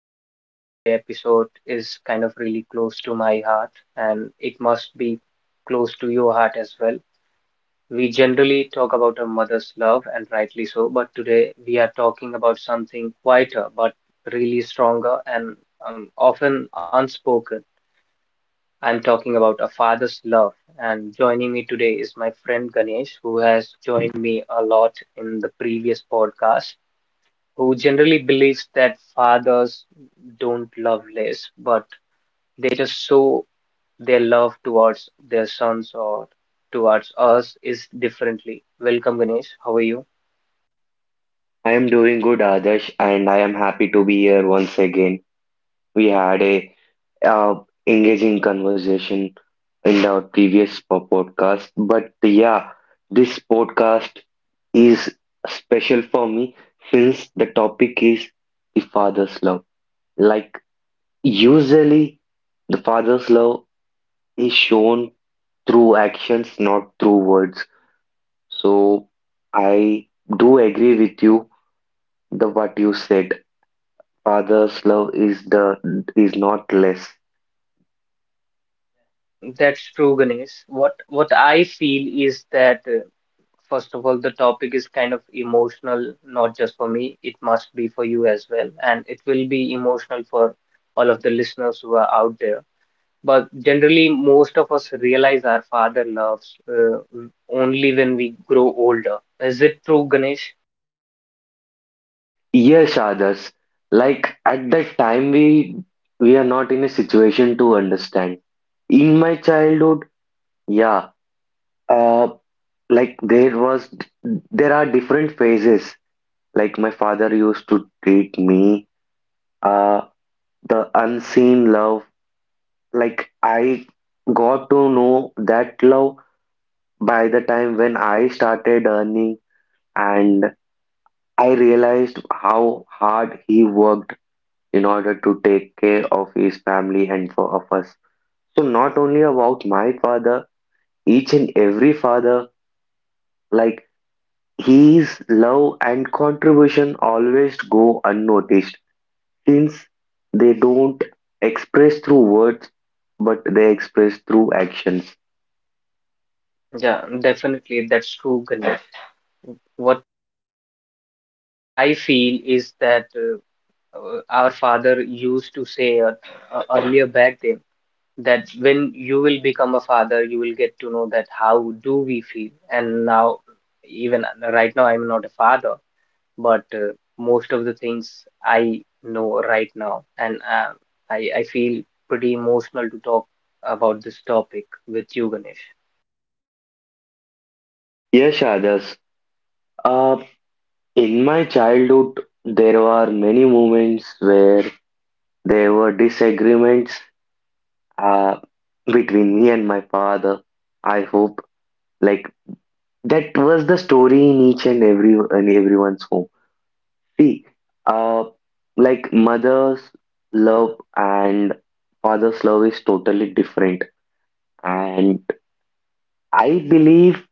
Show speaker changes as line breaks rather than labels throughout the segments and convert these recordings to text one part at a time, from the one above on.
podcast. Today episode is kind of really close to my heart and it must be close to your heart as well. We generally talk about a mother's love and rightly so, but today we are talking about something quieter but really stronger and often unspoken. I'm talking about a father's love, and joining me today is my friend Ganesh, who has joined me a lot in the previous podcast, who generally believes that fathers don't love less, but they just show their love towards their sons or towards us is differently. Welcome, Ganesh. How are you?
I am doing good, Adarsh, and I am happy to be here once again. We had a uh, engaging conversation in our previous podcast, but yeah, this podcast is special for me since the topic is the father's love. Like usually, the father's love is shown through actions, not through words. So I do agree with you the what you said. Father's love is not less.
Um, that's true, Ganesh. What I feel is that first of all, the topic is kind of emotional, not just for me. It must be for you as well, and it will be emotional for all of the listeners who are out there. But generally, most of us realize our father loves only when we grow older. Is it true, Ganesh?
Yes, others. Like at that time we are not in a situation to understand. In my childhood, yeah, uh, like there are different phases. Like my father used to treat me, uh, the unseen love. Like I got to know that love by the time when I started earning and I realized how hard he worked in order to take care of his family and for of us. So not only about my father, each and every father, like his love and contribution always go unnoticed since they don't express through words but they express through actions.
Yeah, definitely, that's true, Ganesh. What I feel is that our father used to say earlier back then that when you will become a father, you will get to know that how do we feel. And now, even right now, I'm not a father, but most of the things I know right now, and I feel pretty emotional to talk about this topic with you, Ganesh.
Yes, others. Uh, in my childhood, there were many moments where there were disagreements uh, between me and my father. I hope like that was the story in each and every in everyone's home. See, uh, like mother's love and father's love is totally different, and I believe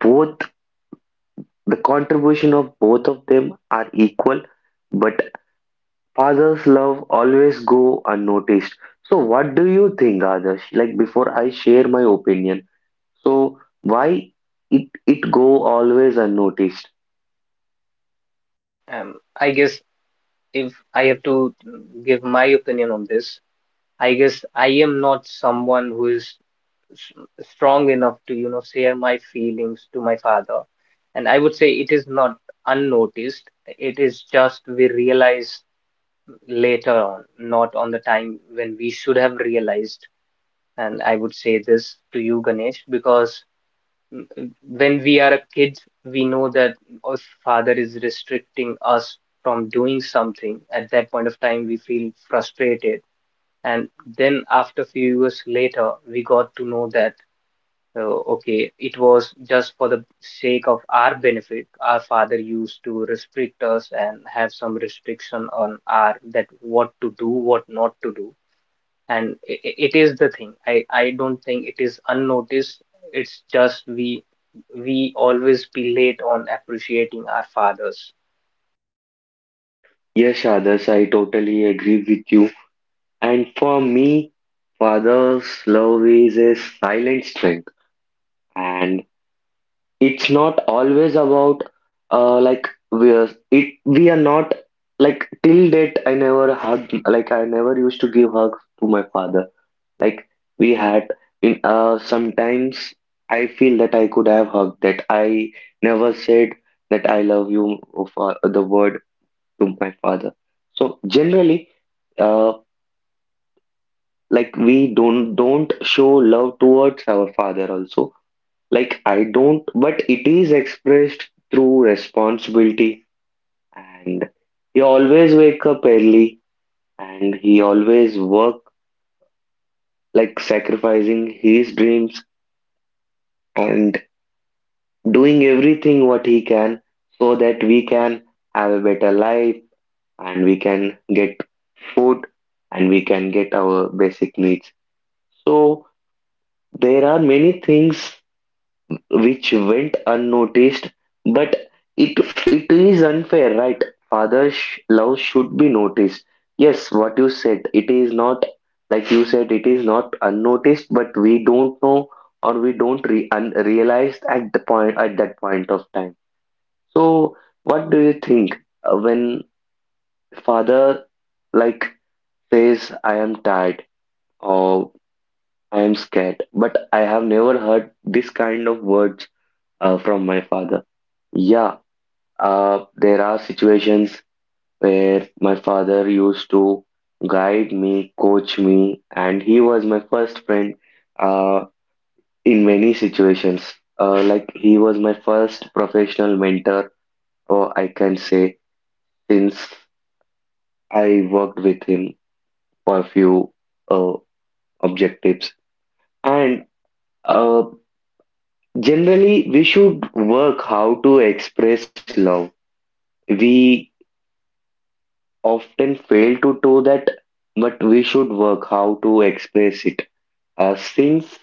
both the contribution of both of them are equal, but father's love always go unnoticed. So, what do you think, Adarsh? Like before I share my opinion. So why it go always unnoticed?
Um, I guess if I have to give my opinion on this, I guess I am not someone who is s- strong enough to, you know, share my feelings to my father, and I would say it is not unnoticed. It is just we realize later on, not on the time when we should have realized. And I would say this to you, Ganesh, because when we are a kid, we know that our father is restricting us from doing something. At that point of time, we feel frustrated. And then after few years later, we got to know that, okay, it was just for the sake of our benefit. Our father used to restrict us and have some restriction on our that what to do, what not to do, and it is the thing I don't think it is unnoticed. It's just we always be late on appreciating our fathers.
Yes, others, I totally agree with you. And for me, father's love is a silent strength, and it's not always about like we are not. Like till date, I never hugged, like I never used to give hugs to my father. Like we had in sometimes. I feel that I could have hugged, that I never said that I love you for the word to my father. So generally, uh like we don't show love towards our father also. Like I don't, but it is expressed through responsibility, and he always wake up early and he always work, like sacrificing his dreams and doing everything what he can, so that we can have a better life and we can get food and we can get our basic needs. So there are many things which went unnoticed, but it is unfair, right? Father's love should be noticed. Yes, what you said, it is not, like you said, it is not unnoticed, but we don't know, or we don't realize at the point at that point of time. So, what do you think when father like says, "I am tired" or "I am scared"? But I have never heard this kind of words from my father. Yeah, there are situations where my father used to guide me, coach me, and he was my first friend uh, in many situations. Like he was my first professional mentor, or I can say, since I worked with him for a few uh, objectives. And uh, generally, we should work how to express love. We often fail to do that, but we should work how to express it. Since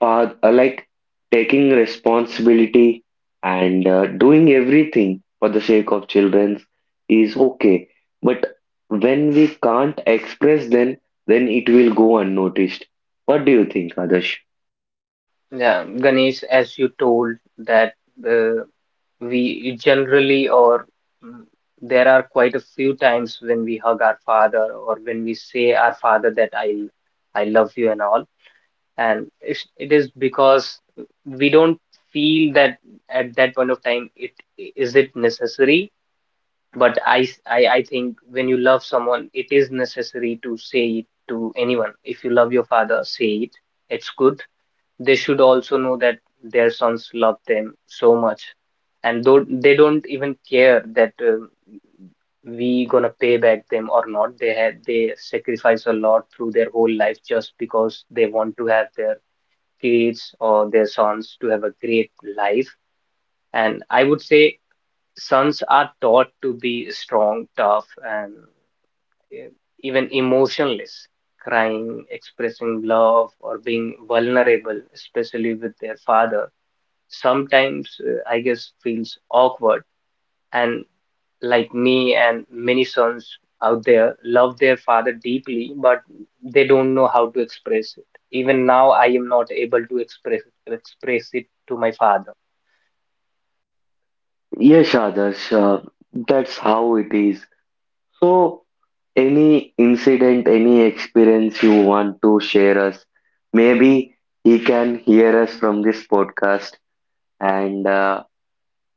father, like taking responsibility and doing everything for the sake of children is okay. But when we can't express, then it will go unnoticed. What do you think, Adarsh?
Yeah, Ganesh, as you told that uh, we generally or mm, there are quite a few times when we hug our father or when we say our father that I love you and all, and it is because we don't feel that at that point of time it is it necessary. But I think when you love someone, it is necessary to say it to anyone. If you love your father, say it. It's good. They should also know that their sons love them so much, and though they don't even care that we gonna pay back them or not. They have they sacrifice a lot through their whole life just because they want to have their kids or their sons to have a great life. And I would say sons are taught to be strong, tough, and e- even emotionless, crying, expressing love, or being vulnerable, especially with their father. Sometimes, I guess, feels awkward. And like me and many sons out there, love their father deeply, but they don't know how to express it. Even now, I am not able to express it to my father.
Yes, Adarsh, that's how it is. So, any incident, any experience you want to share us, maybe he can hear us from this podcast, and uh,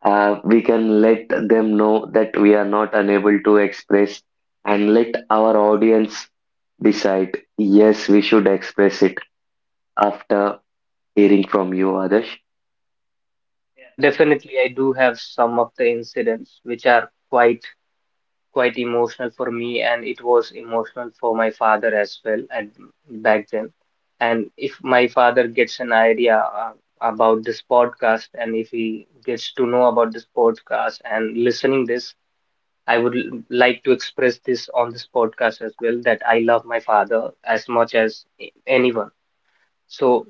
uh, we can let them know that we are not unable to express, and let our audience decide. Yes, we should express it after hearing from you, Adarsh.
Yeah, definitely, I do have some of the incidents which are quite emotional for me and it was emotional for my father as well at back then, and if my father gets an idea uh, about this podcast and if he gets to know about this podcast and listening this, I would like to express this on this podcast as well that I love my father as much as anyone. So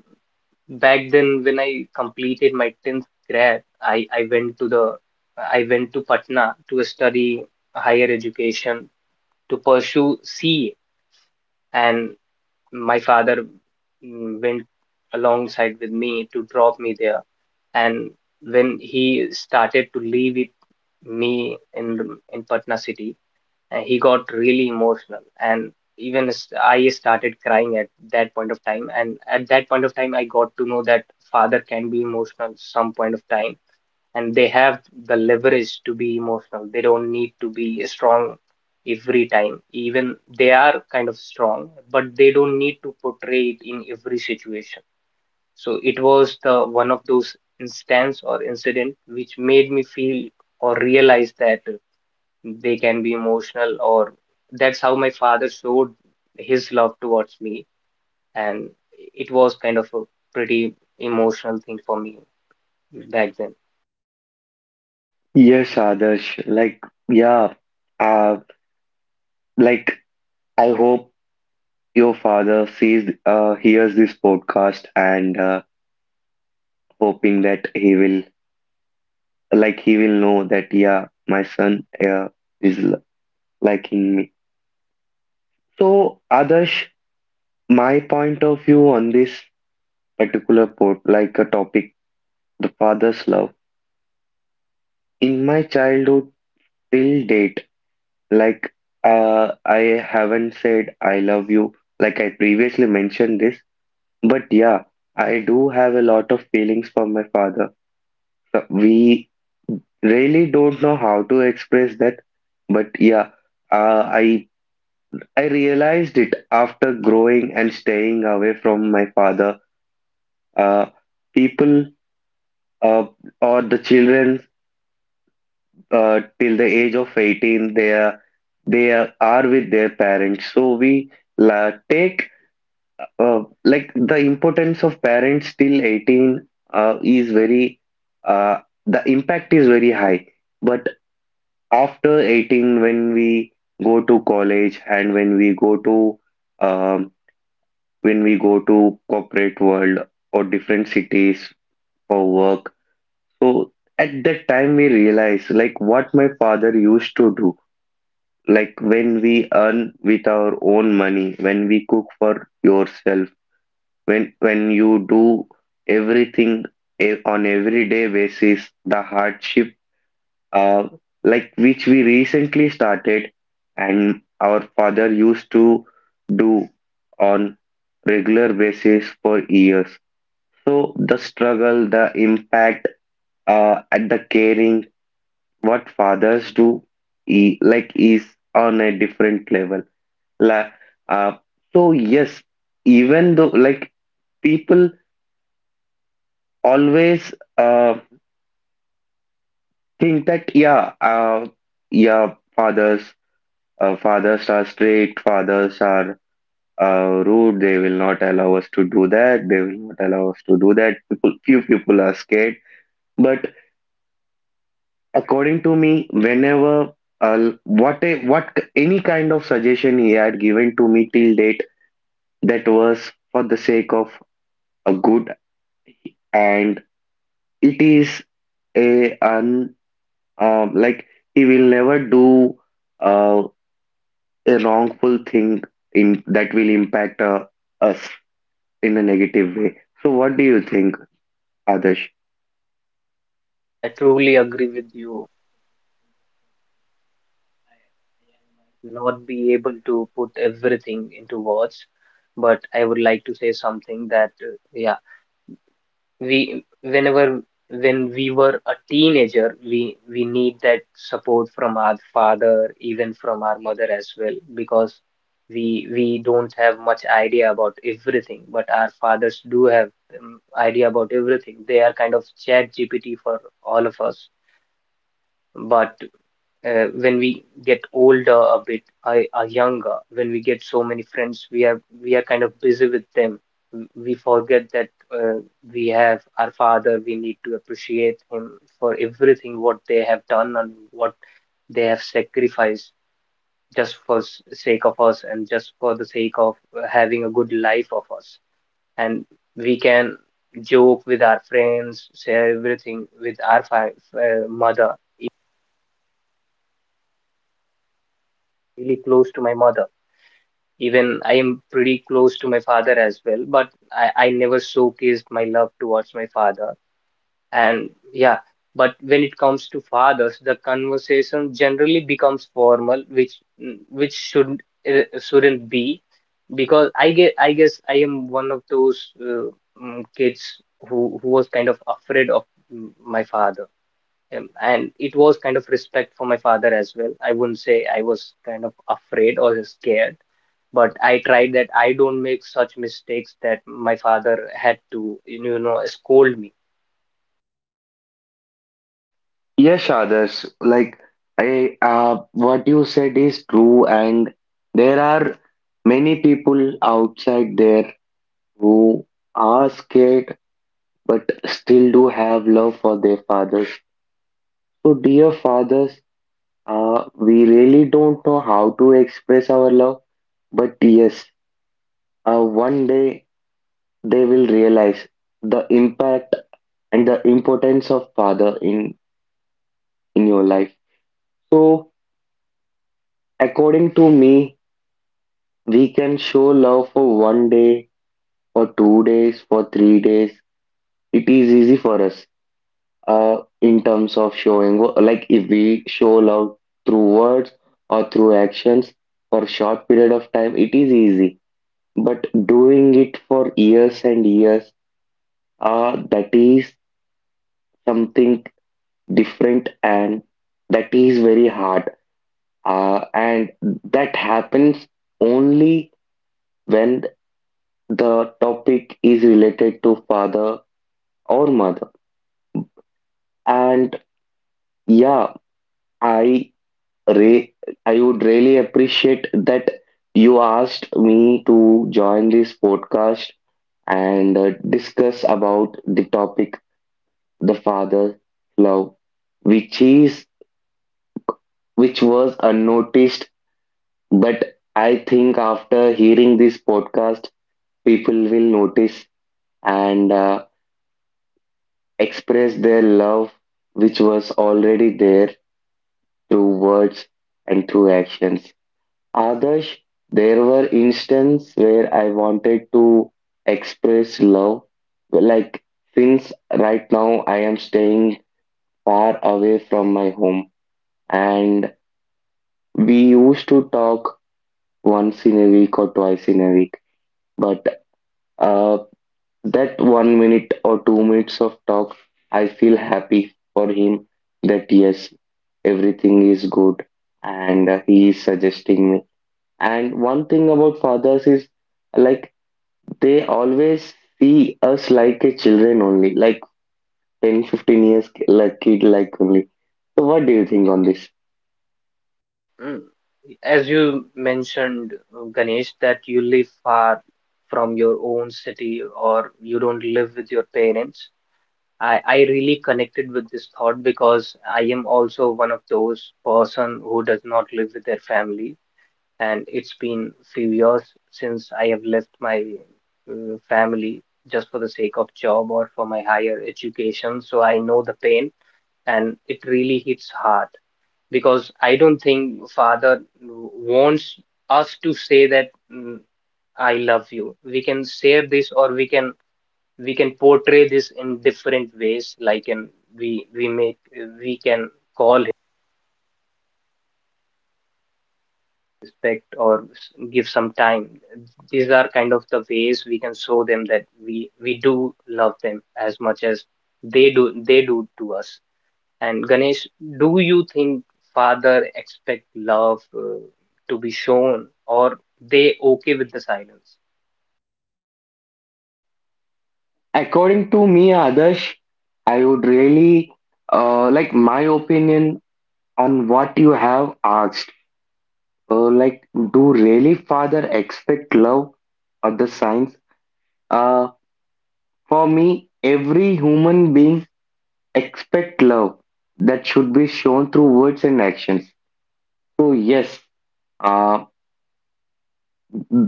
back then when I completed my 10th grade, I went to the I went to Patna to study higher education to pursue sea. And my father went alongside with me to drop me there, and when he started to leave it me in the in Patna city, and he got really emotional, and even I started crying at that point of time, and at that point of time I got to know that father can be emotional some point of time, and they have the leverage to be emotional. They don't need to be strong every time. Even they are kind of strong, but they don't need to portray it in every situation. So it was the one of those instance or incident which made me feel or realize that they can be emotional, or that's how my father showed his love towards me, and it was kind of a pretty emotional thing for me back then.
Yes, Adarsh. Like, yeah, uh, like I hope your father sees, hears this podcast, and hoping that he will, like, he will know that, yeah, my son, is liking me. So, Adarsh, my point of view on this particular port like a topic, the father's love. In my childhood till date, like I haven't said I love you, like I previously mentioned this, but yeah, I do have a lot of feelings for my father. So we really don't know how to express that, but yeah, uh, I I realized it after growing and staying away from my father. Uh, People uh, or the children till the age of 18 are with their parents, so we la take like the importance of parents till 18 is very uh, the impact is very high. But after 18, when we go to college and um, when we go to corporate world or different cities for work, so at that time we realize like what my father used to do, like when we earn with our own money, when we cook for yourself, when you do everything on everyday basis, the hardship uh, like which we recently started, and our father used to do on regular basis for years. So the struggle, the impact, at the caring, what fathers do like is on a different level. La, uh, so yes, even though like people always think that yeah, yeah, fathers, fathers are strict, fathers are rude. They will not allow us to do that. They will not allow us to do that. People, few people are scared. But according to me, whenever what a, what k- any kind of suggestion he had given to me till date, that was for the sake of a good, and it is. A un Like he will never do uh, a wrongful thing in that will impact us in a negative way. So what do you think, Adarsh?
I truly agree with you, not be able to put everything into words, but I would like to say something that yeah, we whenever when we were a teenager, we need that support from our father, even from our mother as well, because we don't have much idea about everything, but our fathers do have idea about everything. They are kind of chat GPT for all of us. But when we get older a bit I are younger, when we get so many friends, we are kind of busy with them. We forget that uh, we have our father, we need to appreciate him for everything what they have done and what they have sacrificed just for sake of us and just for the sake of having a good life of us. And we can joke with our friends, share everything with our mother, really close to my mother. Even I am pretty close to my father as well, but I never showcased my love towards my father. And yeah, but when it comes to fathers, the conversation generally becomes formal, which which should shouldn't be, because I get I guess I am one of those kids who was kind of afraid of my father. And it was kind of respect for my father as well. I wouldn't say I was kind of afraid or scared, but I tried that I don't make such mistakes that my father had to, you know, scold me.
Yes, Adarsh. Like I what you said is true, and there are many people outside there who are scared but still do have love for their fathers. So dear fathers, we really don't know how to express our love, but yes, one day they will realize the impact and the importance of father in your life. So, according to me, we can show love for 1 day, for 2 days, for 3 days. It is easy for us, in terms of showing, like if we show love through words or through actions for short period of time, it is easy, but doing it for years and years, that is something different, and that is very hard, and that happens only when the topic is related to father or mother. And yeah, i re- I would really appreciate that you asked me to join this podcast and discuss about the topic, the father love, which is which was unnoticed, but I think after hearing this podcast, people will notice and express their love, which was already there, through words and through actions. Others, there were instances where I wanted to express love, like since right now I am staying far away from my home, and we used to talk once in a week or twice in a week, but uh, that 1 minute or 2 minutes of talk, I feel happy for him that yes, everything is good, and he is suggesting me. And one thing about fathers is, like they always see us like a children only, like 10, 15 years, like kid like only. So what do you think on this?
Yeah. Mm. As you mentioned, Ganesh, that you live far from your own city or you don't live with your parents. I really connected with this thought because I am also one of those person who does not live with their family. And it's been few years since I have left my family just for the sake of job or for my higher education. So I know the pain, and it really hits hard because I don't think father wants us to say that I love you. We can say this, or we can portray this in different ways. Like in we we make we can call respect or give some time. These are kind of the ways we can show them that we do love them as much as they do to us. And Ganesh, do you think father expect love uh, to be shown, or they okay with the silence?
According to me, Adarsh, I would really like my opinion on what you have asked. Like, do really father expect love or the signs? Uh, for me, every human being expect love that should be shown through words and actions. So yes, uh,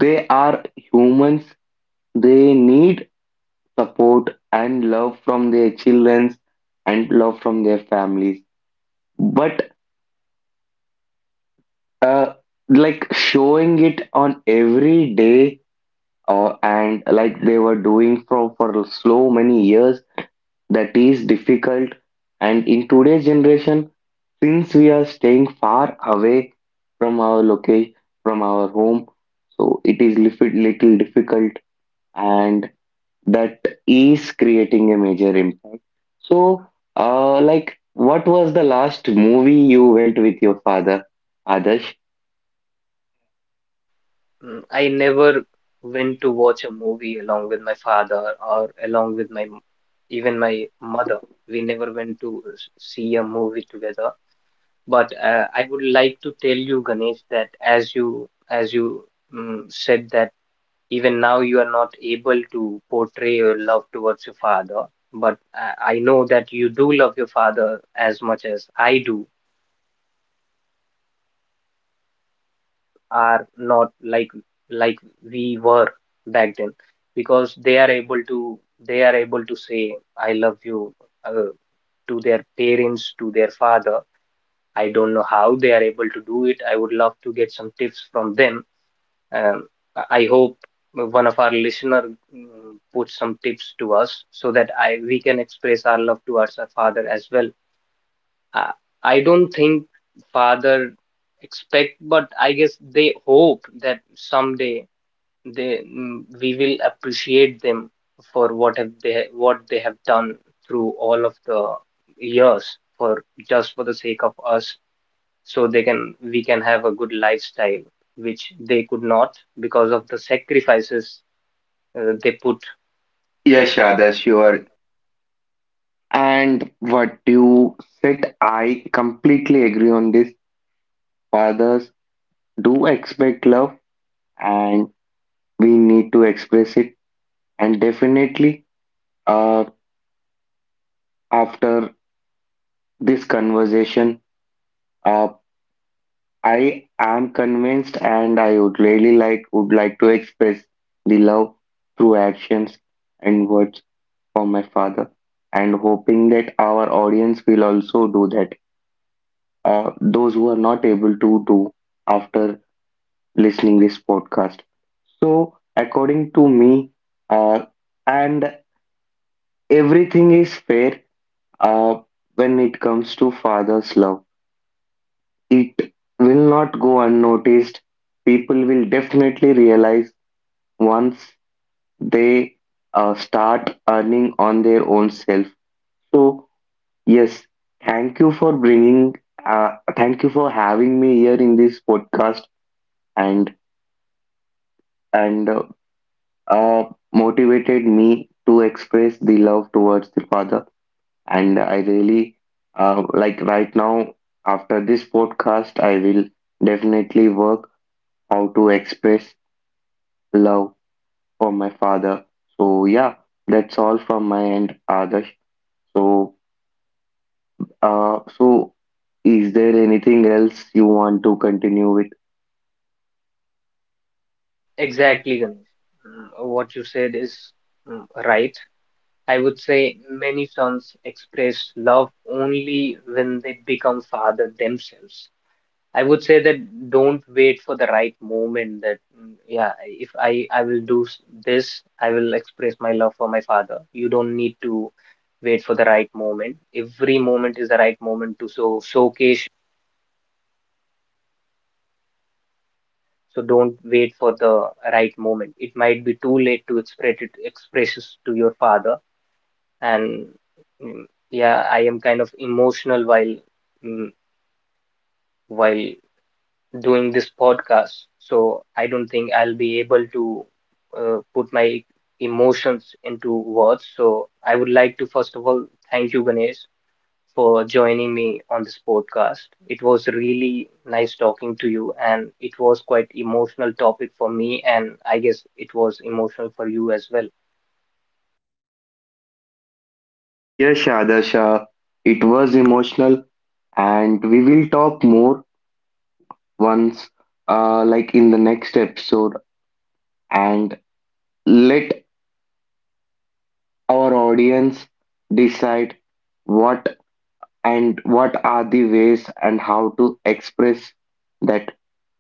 they are humans. They need support and love from their children and love from their families. But uh, like showing it on every day, and like they were doing for so many years, that is difficult, and in today's generation, since we are staying far away from our location, from our home, so it is little, little difficult, and that is creating a major impact. So like what was the last movie you went with your father, Adarsh?
I never went to watch a movie along with my father or along with my m- even my mother. We never went to see a movie together. But I would like to tell you, Ganesh, that as you said that even now you are not able to portray your love towards your father, but I know that you do love your father as much as I do, are not like like we were back then, because they are able to say I love you uh, to their parents, to their father. I don't know how they are able to do it. I would love to get some tips from them. Um, I hope one of our listener puts some tips to us so that I we can express our love towards our father as well. I, I don't think father expect, but I guess they hope that someday we will appreciate them for what have they what they have done through all of the years for just for the sake of us, so they can we can have a good lifestyle which they could not because of the sacrifices they put. Yeah,
Yes,
sure. That's
Adarsh, you
your
are. And what you said, I completely agree on this. Fathers do expect love, and we need to express it. And definitely, uh, after this conversation, uh, I am convinced, and I would like to express the love through actions and words for my father, and hoping that our audience will also do that. Those who are not able to do after listening this podcast. So according to me, uh, and everything is fair uh, when it comes to father's love. It will not go unnoticed. People will definitely realize once they start earning on their own self. So yes, thank you for bringing. Thank you for having me here in this podcast, and and uh, uh, motivated me to express the love towards the father. And I really like right now, after this podcast, I will definitely work how to express love for my father. So yeah, that's all from my end, Adarsh. So so is there anything else you want to continue with?
exactly Ganesh. What you said is right. I would say many sons express love only when they become father themselves. I would say that don't wait for the right moment that yeah, if I will do this, I will express my love for my father. You don't need to wait for the right moment. Every moment is the right moment to so showcase. So don't wait for the right moment. It might be too late to express it expresses to your father. And mm, yeah, I am kind of emotional while mm, while doing this podcast. So I don't think I'll be able to put my emotions into words. So I would like to, first of all, thank you, Ganesh, for joining me on this podcast. It was really nice talking to you, and it was quite emotional topic for me, and I guess it was emotional for you as well.
Yes, Adarsh, it was emotional, and we will talk more once, like in the next episode, and let our audience decide what what are the ways and how to express that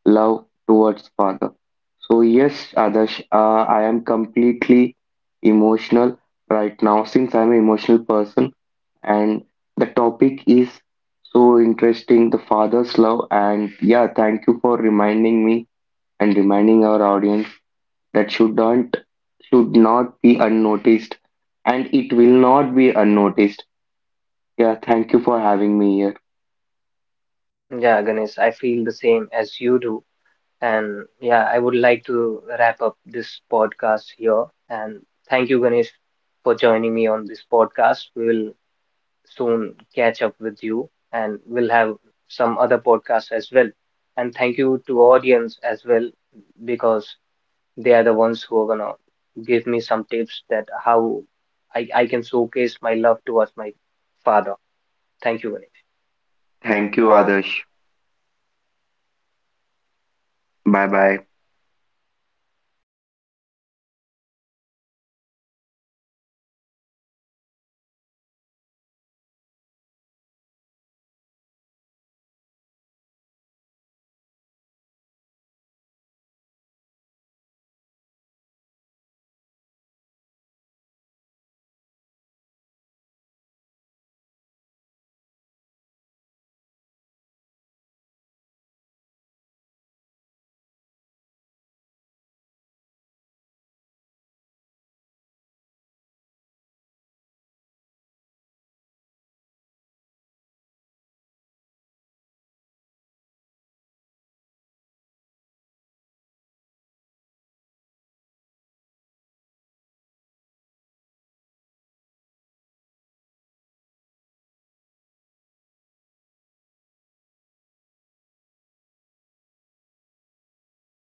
love towards father. So yes, Adarsh, I am completely emotional right now since I'm an emotional person, and the topic is so interesting, the father's love. And yeah, thank you for reminding me and reminding our audience. That should not be unnoticed, and it will not be unnoticed. Yeah, thank you for having me here.
Yeah, Ganesh, I feel the same as you do. And yeah, I would like to wrap up this podcast here. And thank you, Ganesh, for joining me on this podcast. We will soon catch up with you and we'll have some other podcasts as well. And thank you to audience as well because they are the ones who are gonna give me some tips that how I can showcase my love towards my father. Thank you, Ganesh.
Thank
Thank you,
you,
Arjun.
Adarsh. Bye
Bye
bye.
bye.